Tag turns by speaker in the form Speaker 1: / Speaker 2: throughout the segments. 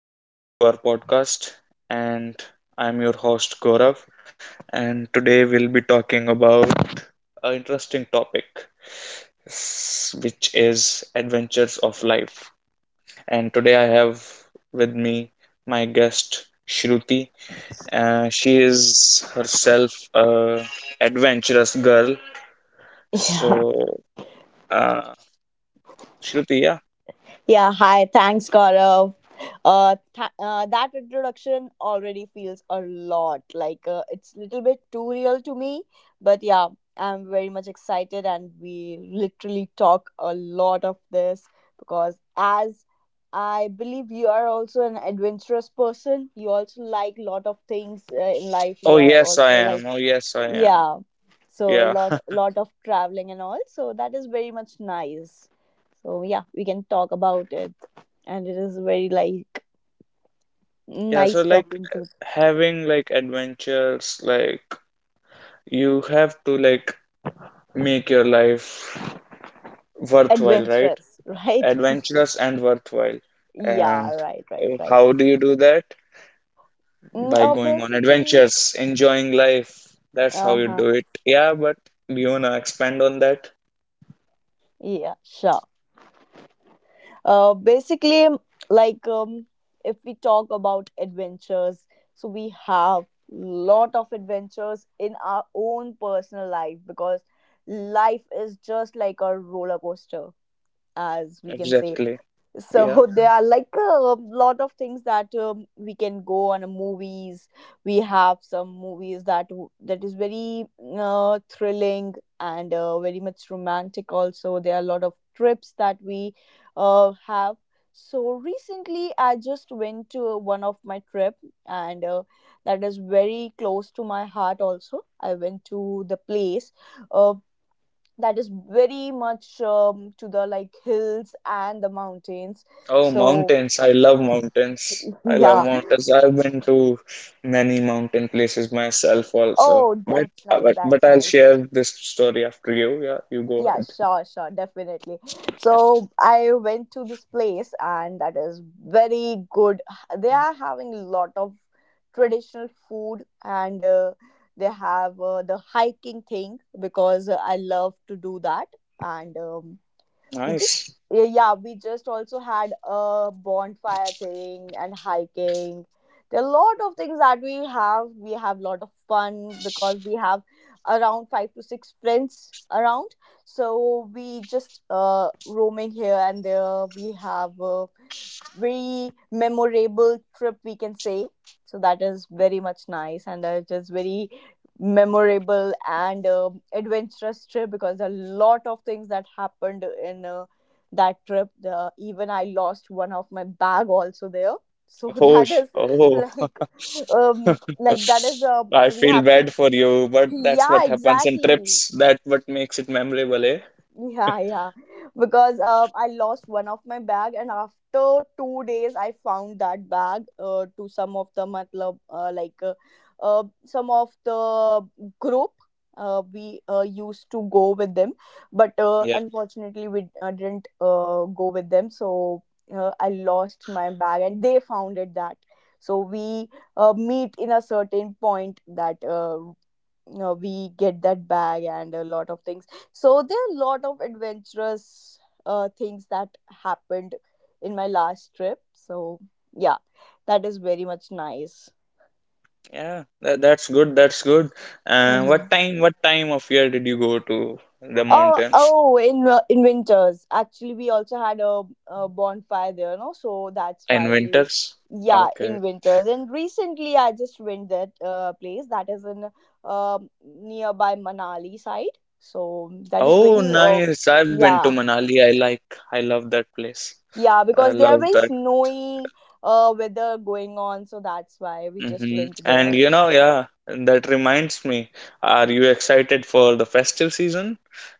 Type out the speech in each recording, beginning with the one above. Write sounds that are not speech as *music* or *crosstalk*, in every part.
Speaker 1: welcome back to our podcast. And I'm your host Gaurav. And today we'll be talking about an interesting topic, which is adventures of life. And today I have with me my guest Shruti. She is herself a adventurous girl.
Speaker 2: Yeah.
Speaker 1: So, uh, Shruti, yeah.
Speaker 2: Yeah. Hi. Thanks, Gaurav. That introduction already feels a lot like it's a little bit too real to me, but yeah, I'm very much excited, and we literally talk a lot of this because as I believe you are also an adventurous person. You also like lot of things in life. You
Speaker 1: Oh
Speaker 2: are
Speaker 1: yes, I
Speaker 2: also like
Speaker 1: am. Oh yes, I am.
Speaker 2: yeah. So a
Speaker 1: Yeah.
Speaker 2: lot
Speaker 1: *laughs*
Speaker 2: lot of traveling and all. So that is very much nice. So yeah, we can talk about it. And it is very like
Speaker 1: Yeah,
Speaker 2: nice
Speaker 1: so like
Speaker 2: talking to
Speaker 1: having like adventures, like you have to like make your life worthwhile, right?
Speaker 2: adventurous, right? *laughs*
Speaker 1: Adventurous and worthwhile.
Speaker 2: Yeah,
Speaker 1: And
Speaker 2: right, right, right.
Speaker 1: how do you do that? By going on
Speaker 2: Basically,
Speaker 1: adventures, enjoying life. That's how you
Speaker 2: uh-huh.
Speaker 1: do it. Yeah, but do you wanna expand on that?
Speaker 2: Yeah, sure. Basically, like if we talk about adventures, so we have lot of adventures in our own personal life because life is just like a roller coaster, as we can say.
Speaker 1: Exactly. Yeah.
Speaker 2: So *laughs* there are like a lot of things that we can go on a movies. We have some movies that that is very thrilling and very much romantic. Also, there are a lot of trips that we have. So recently, I just went to one of my trip, and that is very close to my heart. Also, I went to the place uh, that is very much to the like hills and the mountains.
Speaker 1: Oh,
Speaker 2: So
Speaker 1: mountains. I love mountains.
Speaker 2: *laughs*
Speaker 1: I
Speaker 2: yeah,
Speaker 1: love mountains. I've been to many mountain places myself also.
Speaker 2: oh,
Speaker 1: But
Speaker 2: that's
Speaker 1: uh,
Speaker 2: nice,
Speaker 1: but but
Speaker 2: that's
Speaker 1: I'll
Speaker 2: nice.
Speaker 1: share this story after you. Yeah, you go
Speaker 2: Yeah,
Speaker 1: ahead.
Speaker 2: sure, sure, definitely. So I went to this place and that is very good. They are having a lot of traditional food, and they have the hiking thing, because I love to do that. And we
Speaker 1: Nice.
Speaker 2: just yeah, yeah, we just also had a bonfire thing and hiking. There are a lot of things that we have. We have a lot of fun because we have around five to six friends around. So we just roaming here and there. We have very memorable trip, we can say. So that is very much nice, and it is very memorable and adventurous trip because a lot of things that happened in that trip. Uh, even I lost one of my bag also there. So *laughs*
Speaker 1: Oh,
Speaker 2: that is
Speaker 1: oh.
Speaker 2: like, um, like
Speaker 1: *laughs*
Speaker 2: that is
Speaker 1: I
Speaker 2: we
Speaker 1: feel
Speaker 2: have to
Speaker 1: bad for you, but that's
Speaker 2: yeah,
Speaker 1: what happens in
Speaker 2: exactly.
Speaker 1: trips. That what makes it memorable, eh?
Speaker 2: Yeah, yeah. Because I lost one of my bag, and after 2 days, I found that bag to some of the matlab, like some of the group we used to go with them, but
Speaker 1: Yeah.
Speaker 2: unfortunately, we didn't go with them. So I lost my bag, and they found it that. So we meet in a certain point that we get that bag and a lot of things. So there are a lot of adventurous things that happened in my last trip. So yeah, that is very much nice.
Speaker 1: Yeah. That's good. That's good. What
Speaker 2: Mhm.
Speaker 1: time what time of year did you go to the
Speaker 2: Oh,
Speaker 1: mountains?
Speaker 2: oh! In winters, actually, we also had a bonfire there, no? So that's
Speaker 1: In
Speaker 2: why we,
Speaker 1: winters?
Speaker 2: yeah,
Speaker 1: Okay.
Speaker 2: in winters. And recently, I just went that place that is in nearby Manali side. So that is
Speaker 1: Oh,
Speaker 2: very,
Speaker 1: nice. I've been to
Speaker 2: yeah.
Speaker 1: Manali. I love that place.
Speaker 2: Yeah,
Speaker 1: I
Speaker 2: because they are
Speaker 1: love
Speaker 2: very
Speaker 1: that.
Speaker 2: snowy weather going on, so that's why we just went
Speaker 1: And
Speaker 2: there. So
Speaker 1: yeah, that reminds me. Are you excited for the festive season?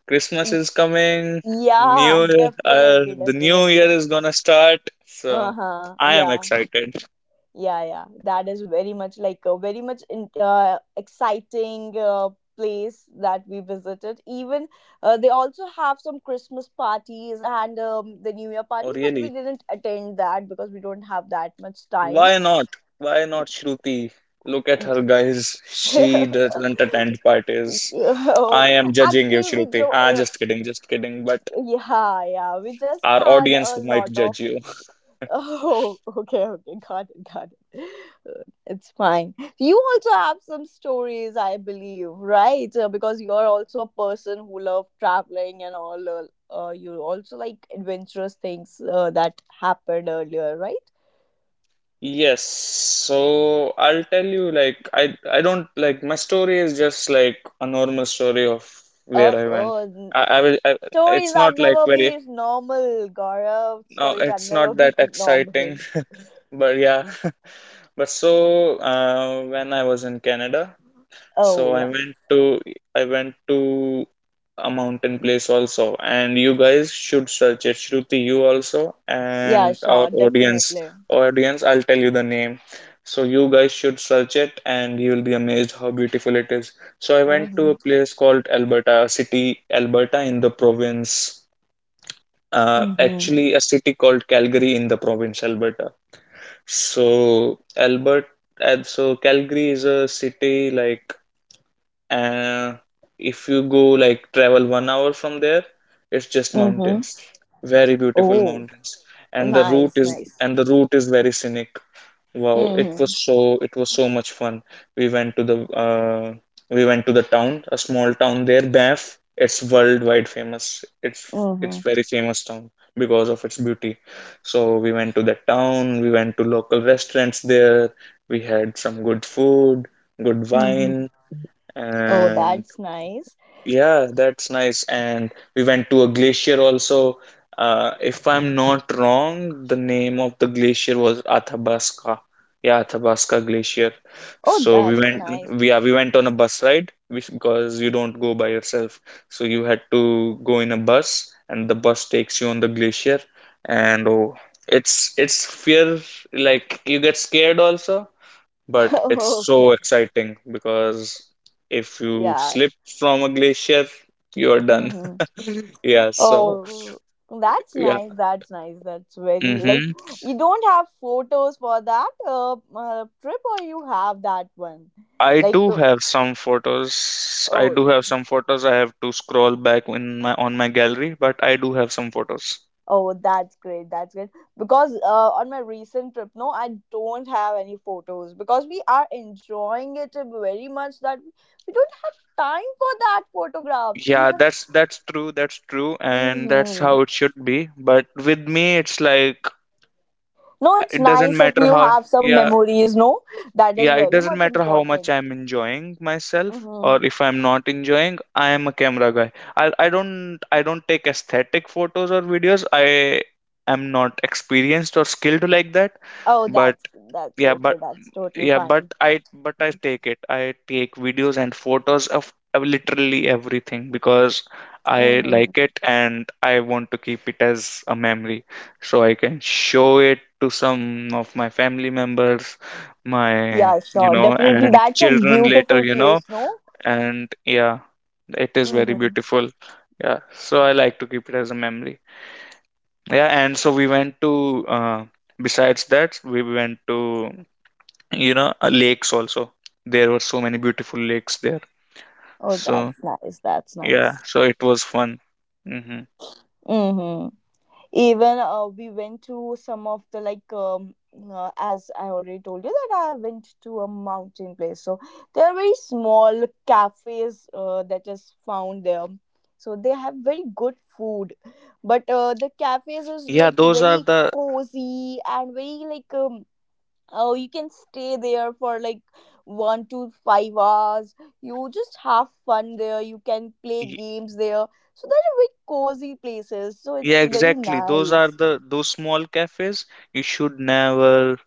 Speaker 1: Christmas
Speaker 2: Y-
Speaker 1: is coming.
Speaker 2: yeah,
Speaker 1: New Year,
Speaker 2: definitely,
Speaker 1: the new year
Speaker 2: definitely.
Speaker 1: is gonna start. So
Speaker 2: Uh-huh.
Speaker 1: I am
Speaker 2: Yeah.
Speaker 1: excited.
Speaker 2: Yeah, yeah. That is very much like a very much in, exciting place that we visited. Even they also have some Christmas parties and the New Year
Speaker 1: Oh,
Speaker 2: parties, but
Speaker 1: really?
Speaker 2: we didn't attend that because we don't have that much time.
Speaker 1: Why not? Why not, Shruti? Look at her, guys. She doesn't
Speaker 2: *laughs*
Speaker 1: attend
Speaker 2: *laughs*
Speaker 1: parties.
Speaker 2: Oh,
Speaker 1: I am judging you,
Speaker 2: actually,
Speaker 1: Shruti. Ah, just kidding, just kidding. But
Speaker 2: yeah, yeah, we just
Speaker 1: our
Speaker 2: had
Speaker 1: audience
Speaker 2: a
Speaker 1: might
Speaker 2: lot of.
Speaker 1: judge you.
Speaker 2: Oh, *laughs* okay, okay, got it, got it. It's fine. You also have some stories, I believe, right? Because you are also a person who love traveling and all. You also like adventurous things that happened earlier, right?
Speaker 1: Yes, so I'll tell you, like, I don't like, my story is just like a normal story of where
Speaker 2: Uh
Speaker 1: I went.
Speaker 2: oh, n-
Speaker 1: I,
Speaker 2: Stories
Speaker 1: it's
Speaker 2: are
Speaker 1: not like
Speaker 2: never
Speaker 1: very,
Speaker 2: be normal, Gaurav.
Speaker 1: no,
Speaker 2: Stories are
Speaker 1: it's not
Speaker 2: never be
Speaker 1: that
Speaker 2: *laughs* normal.
Speaker 1: exciting. *laughs* But yeah, but so when I was in Canada, so
Speaker 2: Oh,
Speaker 1: I
Speaker 2: yeah.
Speaker 1: went to I went to a mountain place also, and you guys should search it. Shruti, you also,
Speaker 2: Yeah,
Speaker 1: and our
Speaker 2: sure,
Speaker 1: audience,
Speaker 2: definitely.
Speaker 1: audience, I'll tell you the name. So you guys should search it, and you will be amazed how beautiful it is. So I went to
Speaker 2: Mm-hmm.
Speaker 1: a place called Alberta, a city Alberta in the province.
Speaker 2: Mm-hmm.
Speaker 1: Actually, a city called Calgary in the province Alberta. So and so Calgary is a city, like, uh, if you go like travel 1 hour from there, it's just
Speaker 2: Mm-hmm.
Speaker 1: mountains, very beautiful
Speaker 2: Oh,
Speaker 1: mountains, and the route
Speaker 2: nice,
Speaker 1: is
Speaker 2: nice.
Speaker 1: and the route is very scenic. Wow, it
Speaker 2: Mm-hmm.
Speaker 1: was so it was so much fun. We went to the we went to the town, a small town there, Banff. It's worldwide famous. It's
Speaker 2: Mm-hmm.
Speaker 1: it's very famous town because of its beauty. So we went to that town. We went to local restaurants there. We had some good food, good
Speaker 2: Mm-hmm.
Speaker 1: wine,
Speaker 2: Oh,
Speaker 1: and
Speaker 2: that's nice.
Speaker 1: yeah, that's nice. And we went to a glacier also. If I'm not wrong, the name of the glacier was Athabasca. Yeah, Athabasca Glacier.
Speaker 2: Oh,
Speaker 1: So we
Speaker 2: that's
Speaker 1: went,
Speaker 2: nice.
Speaker 1: yeah, we went on a bus ride because you don't go by yourself. So you had to go in a bus, and the bus takes you on the glacier. And oh, it's fear, like you get scared also,
Speaker 2: *laughs*
Speaker 1: but it's so
Speaker 2: okay.
Speaker 1: exciting because if you
Speaker 2: Yeah.
Speaker 1: slip from a glacier, you're done.
Speaker 2: Mm-hmm.
Speaker 1: *laughs* Yeah, so
Speaker 2: Oh, that's
Speaker 1: yeah.
Speaker 2: nice. That's nice. That's very like
Speaker 1: Hmm.
Speaker 2: you don't have photos for that trip, or you have that one,
Speaker 1: I
Speaker 2: like
Speaker 1: do have some photos. I
Speaker 2: oh.
Speaker 1: do have some photos. I have to scroll back in my on my gallery, but I do have some photos.
Speaker 2: Oh, that's great. That's great. Because on my recent trip, no, I don't have any photos because we are enjoying it very much that we don't have time for that photographs.
Speaker 1: Yeah,
Speaker 2: Even
Speaker 1: that's true, that's true, and that's
Speaker 2: hmm
Speaker 1: how it should be. But with me, it's like
Speaker 2: no, it's
Speaker 1: it doesn't
Speaker 2: nice if
Speaker 1: matter
Speaker 2: you
Speaker 1: how.
Speaker 2: have some
Speaker 1: Yeah,
Speaker 2: memories. No, that is
Speaker 1: yeah, it
Speaker 2: very
Speaker 1: doesn't
Speaker 2: much
Speaker 1: matter how much
Speaker 2: important.
Speaker 1: I'm enjoying myself
Speaker 2: Hmm.
Speaker 1: or if I'm not enjoying, I am a camera guy. I don't take aesthetic photos or videos. I am not experienced or skilled like that,
Speaker 2: Oh,
Speaker 1: but
Speaker 2: that's
Speaker 1: yeah,
Speaker 2: okay. That's totally
Speaker 1: but
Speaker 2: fine.
Speaker 1: i but i take it i take videos and photos of literally everything because I
Speaker 2: Mm-hmm.
Speaker 1: like it and I want to keep it as a memory, so I can show it to some of my family members, my,
Speaker 2: Yeah, sure. Definitely,
Speaker 1: and
Speaker 2: that's a
Speaker 1: children later,
Speaker 2: beautiful place. No.
Speaker 1: and yeah, it is very
Speaker 2: Mm-hmm.
Speaker 1: beautiful. Yeah, so I like to keep it as a memory. Yeah, and so we went to besides that we went to, lakes also. There were so many beautiful lakes there,
Speaker 2: Oh,
Speaker 1: so
Speaker 2: that's nice. That's
Speaker 1: yeah,
Speaker 2: nice.
Speaker 1: so it was fun. Hmm.
Speaker 2: Mm-hmm. Even we went to some of the like as I already told you that I went to a mountain place. So there are very small cafes that is found there. So they have very good food, but the cafes is
Speaker 1: Yeah,
Speaker 2: like
Speaker 1: those are
Speaker 2: very
Speaker 1: the
Speaker 2: cozy and very like um oh you can stay there for like 1 to 5 hours. You just have fun there, you can play
Speaker 1: y-
Speaker 2: games there. So there are very cozy places, so
Speaker 1: yeah,
Speaker 2: it's very
Speaker 1: exactly, those are
Speaker 2: nice.
Speaker 1: the, those small cafes. You should never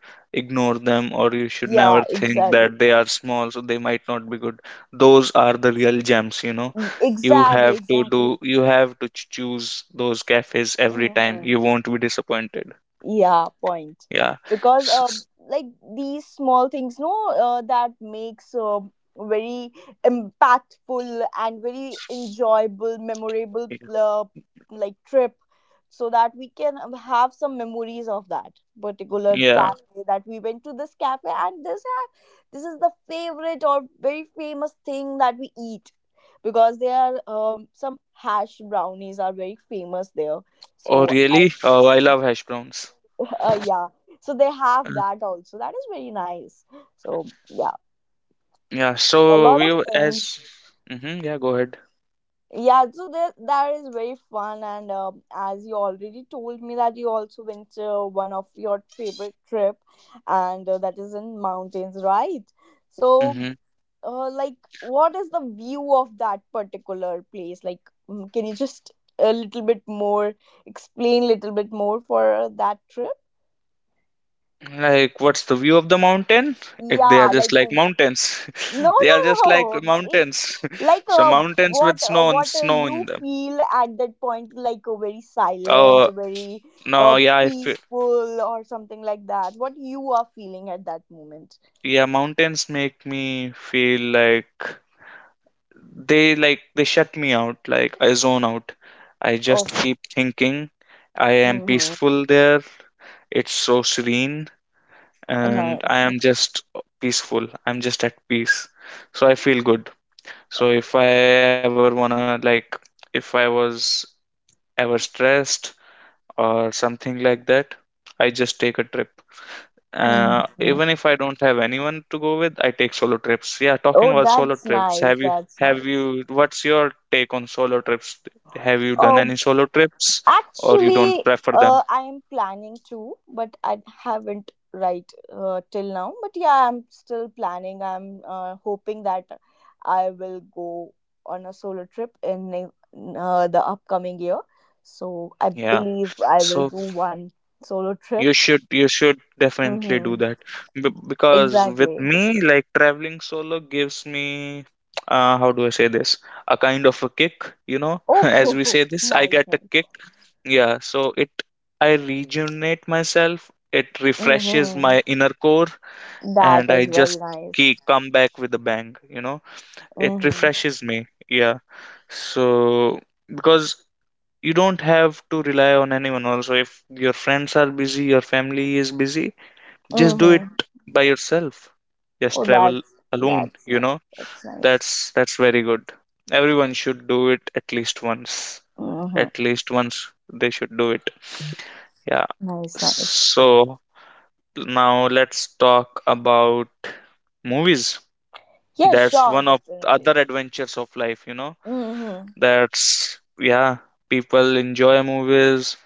Speaker 1: ignore them, or you should
Speaker 2: Yeah,
Speaker 1: never think
Speaker 2: exactly.
Speaker 1: that they are small so they might not be good. Those are the real gems.
Speaker 2: Mm,
Speaker 1: you
Speaker 2: exactly,
Speaker 1: have to do
Speaker 2: exactly.
Speaker 1: you have to choose those cafes. Every time,
Speaker 2: Mhm.
Speaker 1: you won't be disappointed.
Speaker 2: Yeah, point.
Speaker 1: Yeah.
Speaker 2: Because
Speaker 1: S- s-
Speaker 2: like these small things no that makes very impactful and very enjoyable memorable like trip, so that we can have some memories of that particular
Speaker 1: yeah.
Speaker 2: cafe that we went to this cafe and this is the favorite or very famous thing that we eat. Because there are some hash brownies are very famous there.
Speaker 1: Oh,
Speaker 2: So I
Speaker 1: really? Oh, I love hash browns.
Speaker 2: yeah. So they have
Speaker 1: Mm.
Speaker 2: that also. That is very nice. So yeah,
Speaker 1: Yeah,
Speaker 2: a
Speaker 1: so
Speaker 2: lot
Speaker 1: we
Speaker 2: of
Speaker 1: w-
Speaker 2: things.
Speaker 1: as hmm yeah, go ahead.
Speaker 2: Yeah, so that that is very fun, and as you already told me that you also went to one of your favorite trip, and that is in mountains, right? So,
Speaker 1: hmm
Speaker 2: like, what is the view of that particular place? Like, mm, can you just a little bit more explain, little bit more for that trip?
Speaker 1: Like, what's the view of the mountain? They are
Speaker 2: Yeah,
Speaker 1: just
Speaker 2: like,
Speaker 1: like
Speaker 2: w-
Speaker 1: mountains.
Speaker 2: no,
Speaker 1: *laughs* They are
Speaker 2: no,
Speaker 1: just like
Speaker 2: no.
Speaker 1: mountains.
Speaker 2: Like
Speaker 1: *laughs* So mountains with snow and
Speaker 2: what
Speaker 1: snow in
Speaker 2: you
Speaker 1: them.
Speaker 2: feel at that point like very silent,
Speaker 1: Oh,
Speaker 2: very
Speaker 1: no,
Speaker 2: uh,
Speaker 1: yeah,
Speaker 2: peaceful or something like that, what you are feeling at that moment.
Speaker 1: mountains make me feel like they shut me out, like I zone out. I
Speaker 2: Oh,
Speaker 1: just
Speaker 2: oh,
Speaker 1: keep thinking, I am
Speaker 2: mm-hmm.
Speaker 1: peaceful there. It's so serene. And I
Speaker 2: Nice.
Speaker 1: am just peaceful. I'm just at peace. So I feel good. So if I ever wanna like if I was ever stressed or something like that, I just take a trip.
Speaker 2: Hmm.
Speaker 1: Even if I don't have anyone to go with, I take solo trips. Yeah,
Speaker 2: Oh,
Speaker 1: talking about
Speaker 2: that's
Speaker 1: solo
Speaker 2: nice,
Speaker 1: trips,
Speaker 2: that's
Speaker 1: have
Speaker 2: nice.
Speaker 1: you what's your take on solo trips? Have you done
Speaker 2: Oh.
Speaker 1: any solo trips, or you
Speaker 2: Actually,
Speaker 1: don't prefer them?
Speaker 2: I am planning to, but I haven't right till now. But yeah, I'm still planning. I'm hoping that I will go on a solo trip in the upcoming year. So I
Speaker 1: Yeah.
Speaker 2: believe I will
Speaker 1: So,
Speaker 2: do one solo trip.
Speaker 1: you should definitely do
Speaker 2: Mm-hmm.
Speaker 1: that. Because with
Speaker 2: Exactly.
Speaker 1: me, like, traveling solo gives me, how do I say this, a kind of a kick, you know? *laughs*
Speaker 2: Oh, *laughs*
Speaker 1: As
Speaker 2: ho,
Speaker 1: we
Speaker 2: ho.
Speaker 1: say this, I get
Speaker 2: Nice,
Speaker 1: a
Speaker 2: nice.
Speaker 1: kick. Yeah, so it I rejuvenate myself, it refreshes
Speaker 2: Mm-hmm.
Speaker 1: my inner core, and
Speaker 2: That
Speaker 1: I
Speaker 2: is very
Speaker 1: just
Speaker 2: nice.
Speaker 1: keep come back with a bang. It
Speaker 2: Mm-hmm.
Speaker 1: refreshes me. Yeah. So, because you don't have to rely on anyone also, if your friends are busy, your family is busy, just do it
Speaker 2: Mm-hmm.
Speaker 1: by yourself,
Speaker 2: Oh,
Speaker 1: just travel alone
Speaker 2: that's
Speaker 1: you
Speaker 2: nice.
Speaker 1: know
Speaker 2: That's nice.
Speaker 1: that's very good. Everyone should do it at least once.
Speaker 2: Mm-hmm.
Speaker 1: At least once, they should do it. Yeah.
Speaker 2: Nice, nice.
Speaker 1: So now let's talk about movies.
Speaker 2: Yeah,
Speaker 1: That's
Speaker 2: sure,
Speaker 1: one of the
Speaker 2: definitely.
Speaker 1: other adventures of life.
Speaker 2: Mm-hmm.
Speaker 1: That's, yeah, people enjoy movies.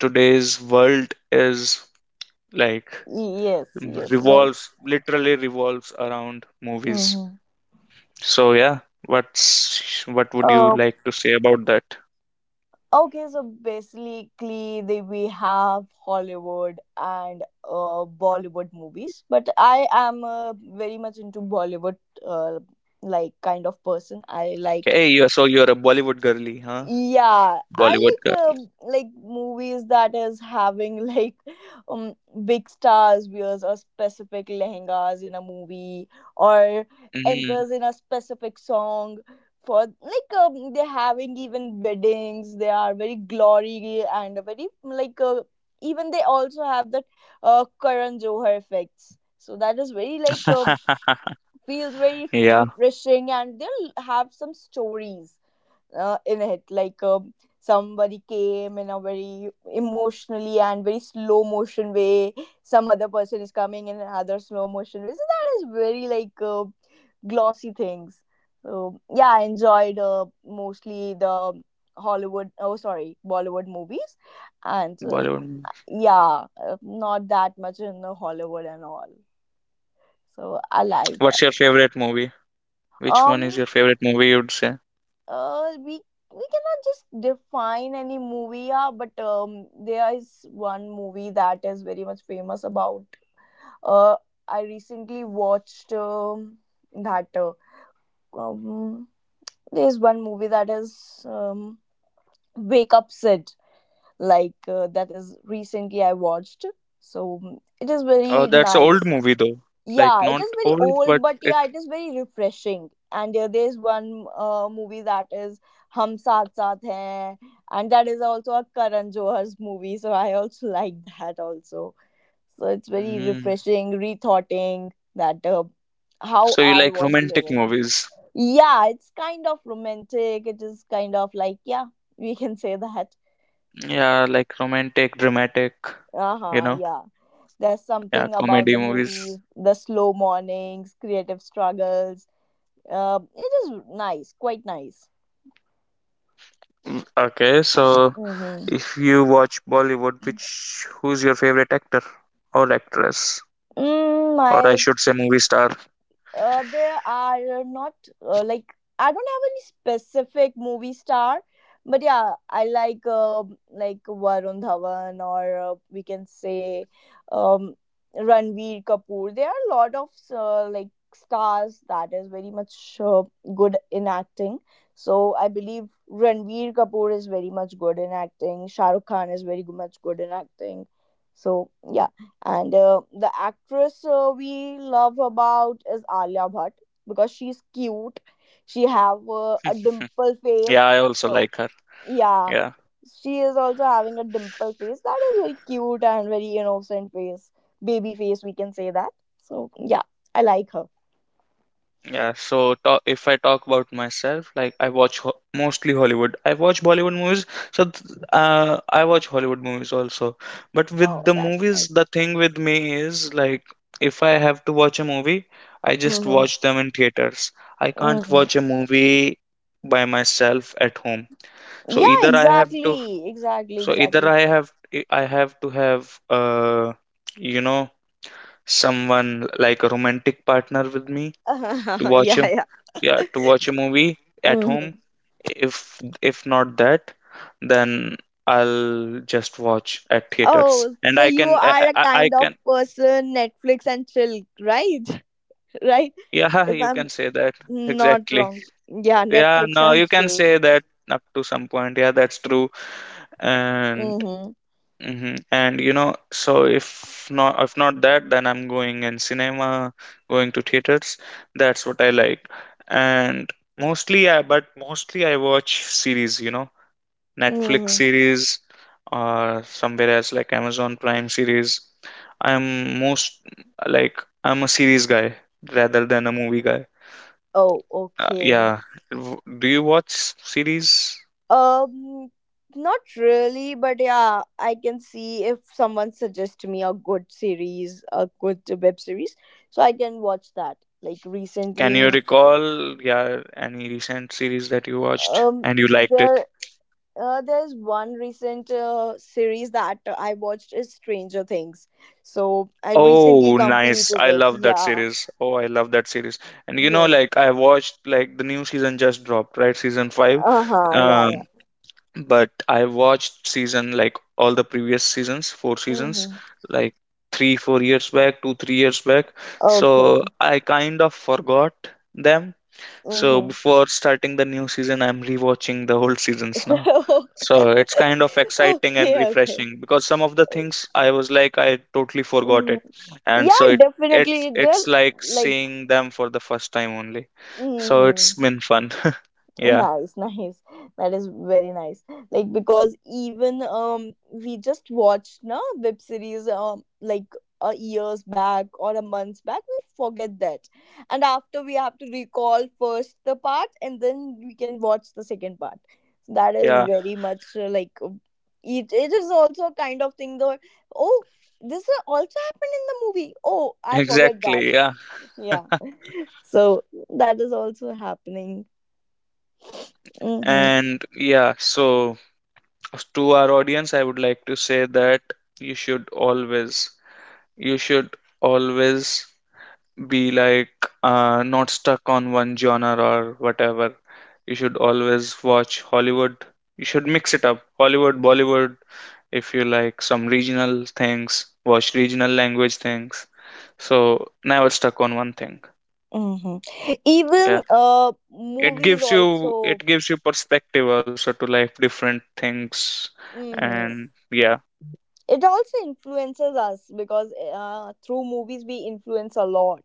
Speaker 1: Today's world is, like,
Speaker 2: Yes, yes, right.
Speaker 1: revolves literally revolves around movies.
Speaker 2: Mm-hmm.
Speaker 1: So yeah, what would you
Speaker 2: Uh,
Speaker 1: like to say about that?
Speaker 2: okay, so basically, they, we have Hollywood and Bollywood movies, but I am very much into Bollywood, uh, like kind of person. I like
Speaker 1: Okay, you so you're a Bollywood girly, huh?
Speaker 2: yeah, I
Speaker 1: Bollywood girl.
Speaker 2: like movies that is having *laughs* like um big stars wears a specific lehengas in a movie, or
Speaker 1: Mm.
Speaker 2: enters in a specific song. For like they're having even weddings, they are very glory and a very like even they also have that Karan Johar effects. So that is very like
Speaker 1: *laughs*
Speaker 2: feels very
Speaker 1: Yeah,
Speaker 2: refreshing, and they'll have some stories in it. Like somebody came in a very emotionally and very slow motion way, some other person is coming in another slow motion way. So that is very like glossy things. So yeah, I enjoyed mostly the Hollywood, oh, sorry, Bollywood movies. And
Speaker 1: Bollywood.
Speaker 2: yeah, not that much in the Hollywood and all. So I like
Speaker 1: What's
Speaker 2: that.
Speaker 1: your favorite movie? Which one is your
Speaker 2: um
Speaker 1: favorite movie, you'd say?
Speaker 2: uh, we we cannot just define any movie, yeah, but there is one movie that is very much famous about. Uh, I recently watched that. Um, there's one movie that is Wake Up Sid, like that is recently I watched. So mm, it is
Speaker 1: Oh,
Speaker 2: very
Speaker 1: that's an old
Speaker 2: nice.
Speaker 1: movie though. Like,
Speaker 2: Yeah, it
Speaker 1: not
Speaker 2: is very
Speaker 1: old,
Speaker 2: old,
Speaker 1: but
Speaker 2: but
Speaker 1: it.
Speaker 2: yeah, it is very refreshing. And there's one movie that is Hum Saath Saath Hain, and that is also a Karan Johar's movie, so I also *laughs* like that also. So it's very
Speaker 1: Mm.
Speaker 2: refreshing, rethoughting that how
Speaker 1: So you
Speaker 2: I
Speaker 1: like
Speaker 2: was
Speaker 1: romantic
Speaker 2: living.
Speaker 1: movies?
Speaker 2: Yeah, it's kind of romantic. It is kind of like yeah, we *laughs* can say that.
Speaker 1: Yeah, like romantic, dramatic,
Speaker 2: Uh
Speaker 1: you
Speaker 2: huh.
Speaker 1: know?
Speaker 2: Yeah, there's
Speaker 1: Yeah,
Speaker 2: something about
Speaker 1: comedy
Speaker 2: the
Speaker 1: movies.
Speaker 2: movie, the slow mornings, creative struggles. It is nice, quite nice.
Speaker 1: Mm, okay, so
Speaker 2: Mm-hmm.
Speaker 1: if you watch Bollywood, which who's your favorite actor or actress,
Speaker 2: Mm,
Speaker 1: or I
Speaker 2: my
Speaker 1: should say movie star?
Speaker 2: there are not like I don't have any specific movie star, but yeah, I like Varun Dhawan, or we can say um, Ranveer Kapoor. There are a lot of like stars that is very much uh, good in acting. So I believe Ranveer Kapoor is very much good in acting. Shah Rukh Khan is very much good in acting. So yeah. And the actress we love about is Alia Bhatt because she's cute. She have a dimple
Speaker 1: Yeah,
Speaker 2: face.
Speaker 1: I also
Speaker 2: So
Speaker 1: like her.
Speaker 2: yeah,
Speaker 1: Yeah,
Speaker 2: she is also having a dimple face. That is very cute and very innocent face, baby face. We can say that. So yeah, I like her.
Speaker 1: yeah. So ta if I talk about myself, like, I watch ho mostly Hollywood. I watch Bollywood movies, so th I watch Hollywood movies also. But with
Speaker 2: Oh,
Speaker 1: the
Speaker 2: that's
Speaker 1: movies,
Speaker 2: nice.
Speaker 1: the thing with me is like, if I have to watch a movie, I just
Speaker 2: Mm-hmm.
Speaker 1: watch them in theaters. I can't
Speaker 2: Mm-hmm.
Speaker 1: watch a movie by myself at home.
Speaker 2: Yeah,
Speaker 1: So either I have to
Speaker 2: exactly, exactly,
Speaker 1: So
Speaker 2: exactly.
Speaker 1: either I have to have you know someone like a romantic partner with me to
Speaker 2: *laughs*
Speaker 1: watch a,
Speaker 2: Yeah, yeah.
Speaker 1: yeah, to watch a movie at
Speaker 2: Mm-hmm.
Speaker 1: home. If not that, then I'll just watch at theaters.
Speaker 2: Oh,
Speaker 1: And
Speaker 2: so
Speaker 1: I
Speaker 2: you
Speaker 1: can I,
Speaker 2: are a
Speaker 1: I I
Speaker 2: kind of
Speaker 1: can
Speaker 2: person Netflix and chill, right? *laughs* Right?
Speaker 1: Yeah, *laughs*
Speaker 2: If
Speaker 1: you can
Speaker 2: I'm
Speaker 1: say that,
Speaker 2: not
Speaker 1: exactly.
Speaker 2: wrong. Yeah,
Speaker 1: Yeah,
Speaker 2: Netflix
Speaker 1: no,
Speaker 2: and
Speaker 1: you can
Speaker 2: chill.
Speaker 1: say that up to some point. Yeah, that's true. And
Speaker 2: Mm-hmm.
Speaker 1: so if not that, then I'm going in cinema, going to theaters. That's what I like. And mostly I watch series, Netflix
Speaker 2: Mm-hmm.
Speaker 1: series, or somewhere else like Amazon Prime series. I'm most like I'm a series guy rather than a movie guy.
Speaker 2: Oh, okay.
Speaker 1: Yeah. Do you watch series?
Speaker 2: Um, Not really, but yeah, I can see if someone suggests me a good series, a good web series, so I can watch that. Like
Speaker 1: Can you
Speaker 2: recently,
Speaker 1: recall, yeah, any recent series that you watched
Speaker 2: um,
Speaker 1: and you liked
Speaker 2: there
Speaker 1: it?
Speaker 2: There's one recent series that I watched is Stranger Things. So I recently
Speaker 1: Oh, nice.
Speaker 2: completed
Speaker 1: I
Speaker 2: it.
Speaker 1: love that
Speaker 2: Yeah.
Speaker 1: series. Oh, I love that series. And you know,
Speaker 2: Yes.
Speaker 1: like I watched like the new season just dropped, right? Season 5.
Speaker 2: Uh huh. Yeah. Yeah.
Speaker 1: Um, but I watched, season like all the previous seasons, four seasons,
Speaker 2: Mm-hmm.
Speaker 1: like three, 4 years back, two, 3 years back. So
Speaker 2: Okay.
Speaker 1: I kind of forgot them. So
Speaker 2: Okay.
Speaker 1: before starting the new season, I'm rewatching the old seasons now.
Speaker 2: Mm-hmm.
Speaker 1: So it's kind of
Speaker 2: *laughs*
Speaker 1: exciting and
Speaker 2: Okay. Okay.
Speaker 1: refreshing because some of the things, I was like, I totally forgot it,
Speaker 2: Mm-hmm.
Speaker 1: and so
Speaker 2: Yeah.
Speaker 1: it it's
Speaker 2: Definitely. They're
Speaker 1: it's like
Speaker 2: like.
Speaker 1: seeing them for the first time only. So it's
Speaker 2: Mm-hmm.
Speaker 1: been fun. *laughs* Yeah,
Speaker 2: Nice. *laughs* Nice, that is very nice, like because even we just watched no web series like a years back or a months back we forget that, and after we have to recall first the part and then we can watch the second part. So, that is
Speaker 1: yeah,
Speaker 2: very much like it is also a kind of thing though. Oh, this also happened in the movie. Oh, I forgot that.
Speaker 1: exactly. Yeah.
Speaker 2: Yeah, so that is also happening. Hmm.
Speaker 1: And yeah, so to our audience, I would like to say that you should always, you should always be like not stuck on one genre or whatever. You should always watch Hollywood. You should mix it up. Hollywood, Bollywood. If you like some regional things, watch regional language things. So never stuck on one thing.
Speaker 2: Hmm. Even
Speaker 1: Yeah. It
Speaker 2: movies
Speaker 1: gives you it
Speaker 2: also.
Speaker 1: gives you perspective also to life, different things
Speaker 2: Hmm.
Speaker 1: and yeah.
Speaker 2: It also influences us because through movies we influence a lot,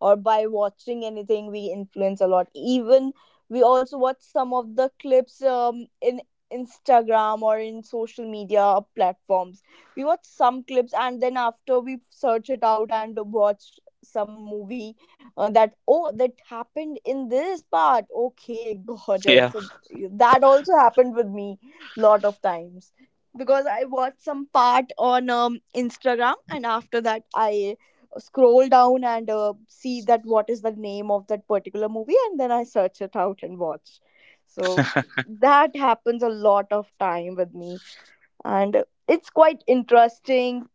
Speaker 2: or by watching anything we influence a lot. Even we also watch some of the clips in Instagram or in social media platforms. We watch some clips and then after we search it out and watch some movie that, oh, that happened in this part. Okay. *laughs* Got it.
Speaker 1: Yeah.
Speaker 2: So that also happened with me lot of times because I watched some part on Instagram, and after that, I scroll down and see that what is the name of that particular movie, and then I search it out and watch. So that happens a lot of time with me, and it's quite interesting.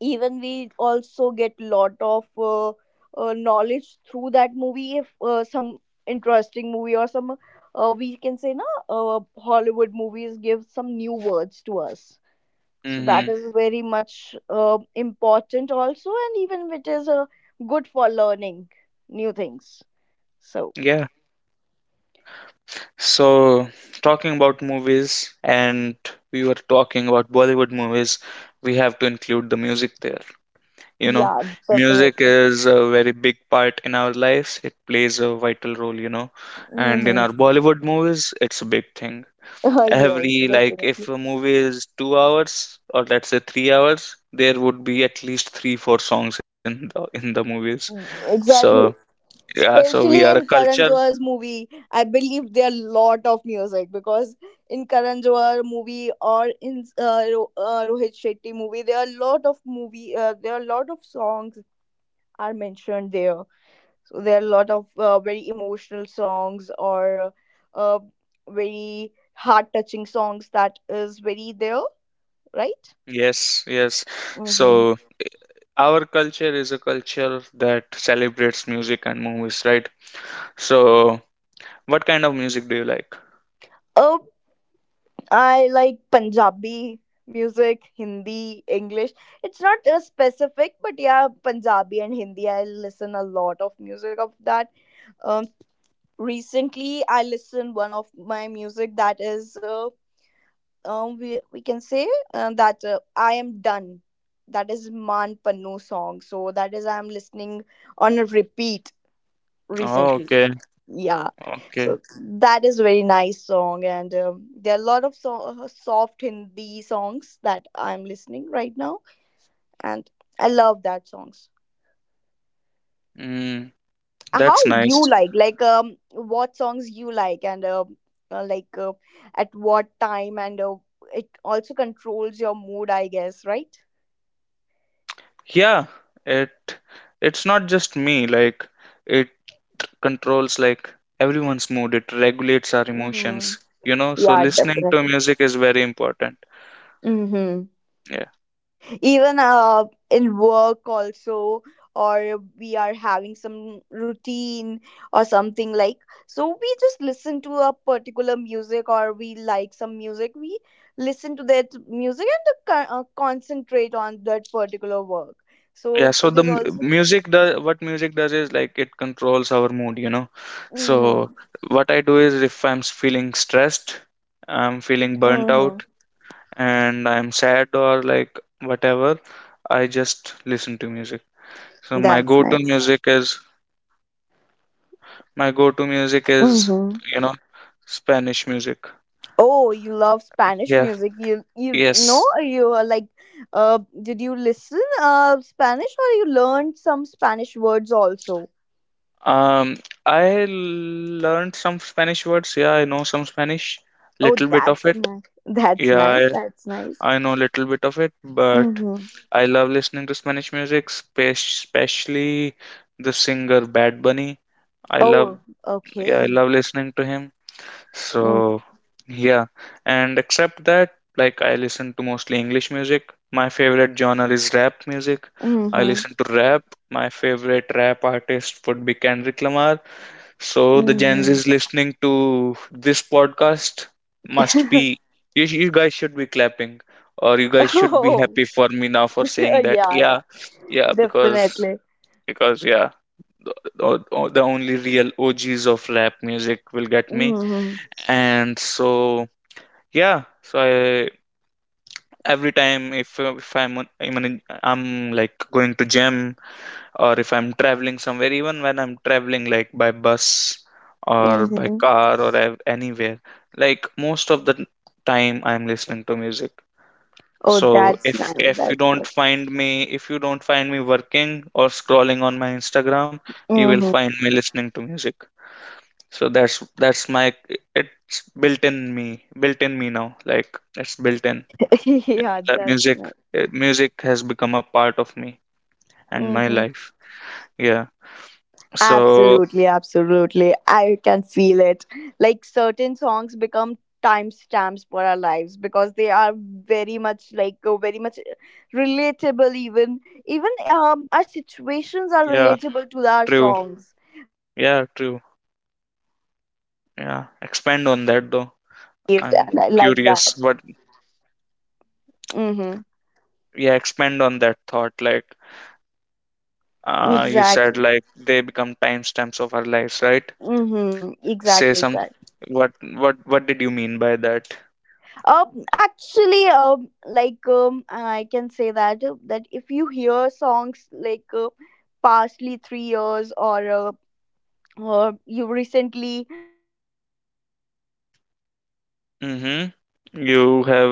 Speaker 2: Even we also get lot of knowledge through that movie. If some interesting movie or some we can say na Hollywood movies give some new words to us, so that
Speaker 1: Mm-hmm.
Speaker 2: is very much important also, and even it is good for learning new things. So
Speaker 1: Yeah. So, talking about movies, and we were talking about Bollywood movies, we have to include the music there. You know,
Speaker 2: yeah,
Speaker 1: music
Speaker 2: definitely.
Speaker 1: is a very big part in our lives, it plays a vital role, you know, and in
Speaker 2: Hmm.
Speaker 1: our Bollywood movies, it's a big thing.
Speaker 2: *laughs* Yes,
Speaker 1: Every, like,
Speaker 2: definitely.
Speaker 1: if a movie is 2 hours or let's say 3 hours, there would be at least three, four songs in the movies. So,
Speaker 2: Exactly.
Speaker 1: yeah, so we
Speaker 2: Especially
Speaker 1: are a
Speaker 2: in
Speaker 1: culture.
Speaker 2: Karan Johar's movie, I believe there are lot of music because in Karan Johar movie or in Rohit Shetty movie there are lot of movie there are lot of songs are mentioned there. So there are a lot of very emotional songs or uh, very heart touching songs that is very there, right?
Speaker 1: Yes, yes.
Speaker 2: Mm-hmm.
Speaker 1: So our culture is a culture that celebrates music and movies, right? So, what kind of music do you like?
Speaker 2: Oh, I like Punjabi music, Hindi, English. It's not specific, but yeah, Punjabi and Hindi. I listen a lot of music of that. Um, Recently, I listened one of my music that is we can say that I am done. That is Man Pannu song. So that is I am listening on a repeat
Speaker 1: Oh,
Speaker 2: recently.
Speaker 1: okay,
Speaker 2: Yeah,
Speaker 1: okay.
Speaker 2: so that is very nice song, and there are a lot of soft Hindi songs that I'm listening right now, and I love that songs.
Speaker 1: Mm,
Speaker 2: How
Speaker 1: that's
Speaker 2: you
Speaker 1: nice.
Speaker 2: like what songs you like and like at what time and it also controls your mood, I guess, right?
Speaker 1: Yeah, it it's not just me, like it controls like everyone's mood. It regulates our emotions,
Speaker 2: Mhm.
Speaker 1: you know, so
Speaker 2: Yeah,
Speaker 1: listening to
Speaker 2: definitely.
Speaker 1: music is very important.
Speaker 2: Mm-hmm.
Speaker 1: Yeah.
Speaker 2: Even in work also, or we are having some routine or something like. So we just listen to a particular music, or we like some music. We listen to that music and concentrate on that particular work.
Speaker 1: Yeah,
Speaker 2: So
Speaker 1: so
Speaker 2: it
Speaker 1: the
Speaker 2: is also.
Speaker 1: music does, what music does is, like, it controls our mood, you know. So
Speaker 2: Mm-hmm.
Speaker 1: what I do is if I'm feeling stressed, I'm feeling burnt
Speaker 2: Mm-hmm.
Speaker 1: out and I'm sad or like whatever, I just listen to music. So
Speaker 2: That's nice.
Speaker 1: my go to music is,
Speaker 2: Mm-hmm.
Speaker 1: you know, Spanish music.
Speaker 2: Oh, you love Spanish
Speaker 1: Yeah.
Speaker 2: music. You know
Speaker 1: Yes.
Speaker 2: you are like did you listen Spanish or you learned some Spanish words also?
Speaker 1: um I learned some Spanish words, yeah. I know some Spanish,
Speaker 2: Oh,
Speaker 1: little bit of
Speaker 2: that's
Speaker 1: it.
Speaker 2: nice. That's
Speaker 1: Yeah,
Speaker 2: nice. That's nice.
Speaker 1: I know little bit of it, but
Speaker 2: Mm-hmm.
Speaker 1: I love listening to Spanish music, especially the singer Bad Bunny. I love,
Speaker 2: Oh,
Speaker 1: yeah, I
Speaker 2: okay.
Speaker 1: love listening to him. So,
Speaker 2: Mm.
Speaker 1: yeah, and except that, like, I listen to mostly English music. My favorite genre is rap music. I
Speaker 2: Mm-hmm.
Speaker 1: listen to rap. My favorite rap artist would be Kendrick Lamar. So the Gen
Speaker 2: Mm-hmm.
Speaker 1: Z's listening to this podcast must be, you guys should be clapping or you
Speaker 2: *laughs*
Speaker 1: guys should be
Speaker 2: Oh.
Speaker 1: happy for me now for
Speaker 2: *laughs*
Speaker 1: saying that.
Speaker 2: Yeah,
Speaker 1: Yeah,
Speaker 2: yeah.
Speaker 1: yeah, because
Speaker 2: Definitely.
Speaker 1: because yeah, the, the only real OGs of rap music will get me.
Speaker 2: Mm-hmm.
Speaker 1: And so yeah, so I every time, if I'm like going to gym or if I'm traveling somewhere, even when I'm traveling like by bus or by
Speaker 2: Mm-hmm.
Speaker 1: car or anywhere, like most of the time I'm listening to music.
Speaker 2: Oh,
Speaker 1: So
Speaker 2: that's
Speaker 1: if
Speaker 2: nice.
Speaker 1: if
Speaker 2: That's nice.
Speaker 1: you don't find me working or scrolling on my Instagram, you will
Speaker 2: Mm-hmm.
Speaker 1: find me listening to music. So that's my, it's built in me now. Like it's built in.
Speaker 2: *laughs* Yeah,
Speaker 1: That
Speaker 2: that's
Speaker 1: music,
Speaker 2: nice.
Speaker 1: music has become a part of me and my
Speaker 2: Mm-hmm.
Speaker 1: life. Yeah. So
Speaker 2: Absolutely, absolutely. I can feel it. Like certain songs become timestamps for our lives because they are very much like very much relatable, even even our situations are
Speaker 1: yeah.
Speaker 2: relatable to our
Speaker 1: True.
Speaker 2: songs
Speaker 1: Yeah, true. Yeah. Expand on that though. I'm
Speaker 2: like
Speaker 1: curious,
Speaker 2: that.
Speaker 1: but
Speaker 2: Hmm.
Speaker 1: yeah, expand on that thought. Like, you said
Speaker 2: Exactly.
Speaker 1: like they become timestamps of our lives, right?
Speaker 2: Hmm.
Speaker 1: Say
Speaker 2: Exactly.
Speaker 1: some.
Speaker 2: Exactly.
Speaker 1: What did you mean by that?
Speaker 2: Actually, like I can say that that if you hear songs like pastly 3 years or you recently,
Speaker 1: Mm-hmm. You have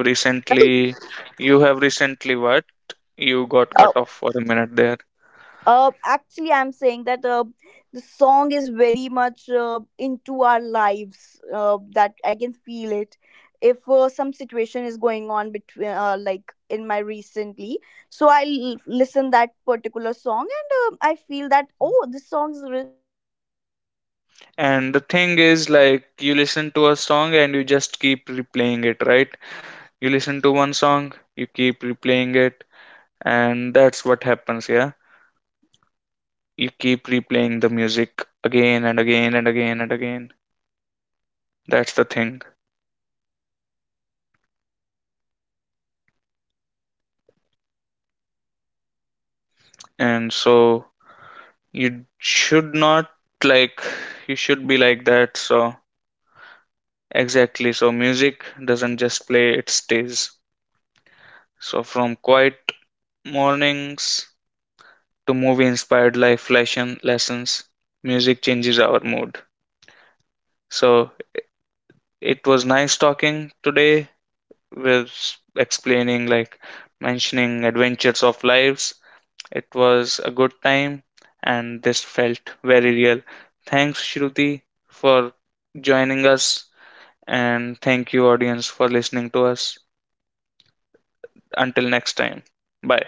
Speaker 2: right?
Speaker 1: recently, you have recently what? You got
Speaker 2: uh,
Speaker 1: cut off for a minute there.
Speaker 2: Actually, I'm saying that the song is very much into our lives, that I can feel it. If some situation is going on between like in my recently, so I listen that particular song and I feel that oh this song
Speaker 1: And the thing is, like, you listen to a song and you just keep replaying it, right? You listen to one song, you keep replaying it, and that's what happens. Yeah, you keep replaying the music again and again and again and again. That's the thing. And so you should not, like, you should be like that. So exactly, so music doesn't just play, it stays. So from quiet mornings to movie inspired life lessons, music changes our mood. So it was nice talking today, with explaining like mentioning adventures of lives. It was a good time and this felt very real. Thanks, Shruti, for joining us, and thank you, audience, for listening to us. Until next time, bye.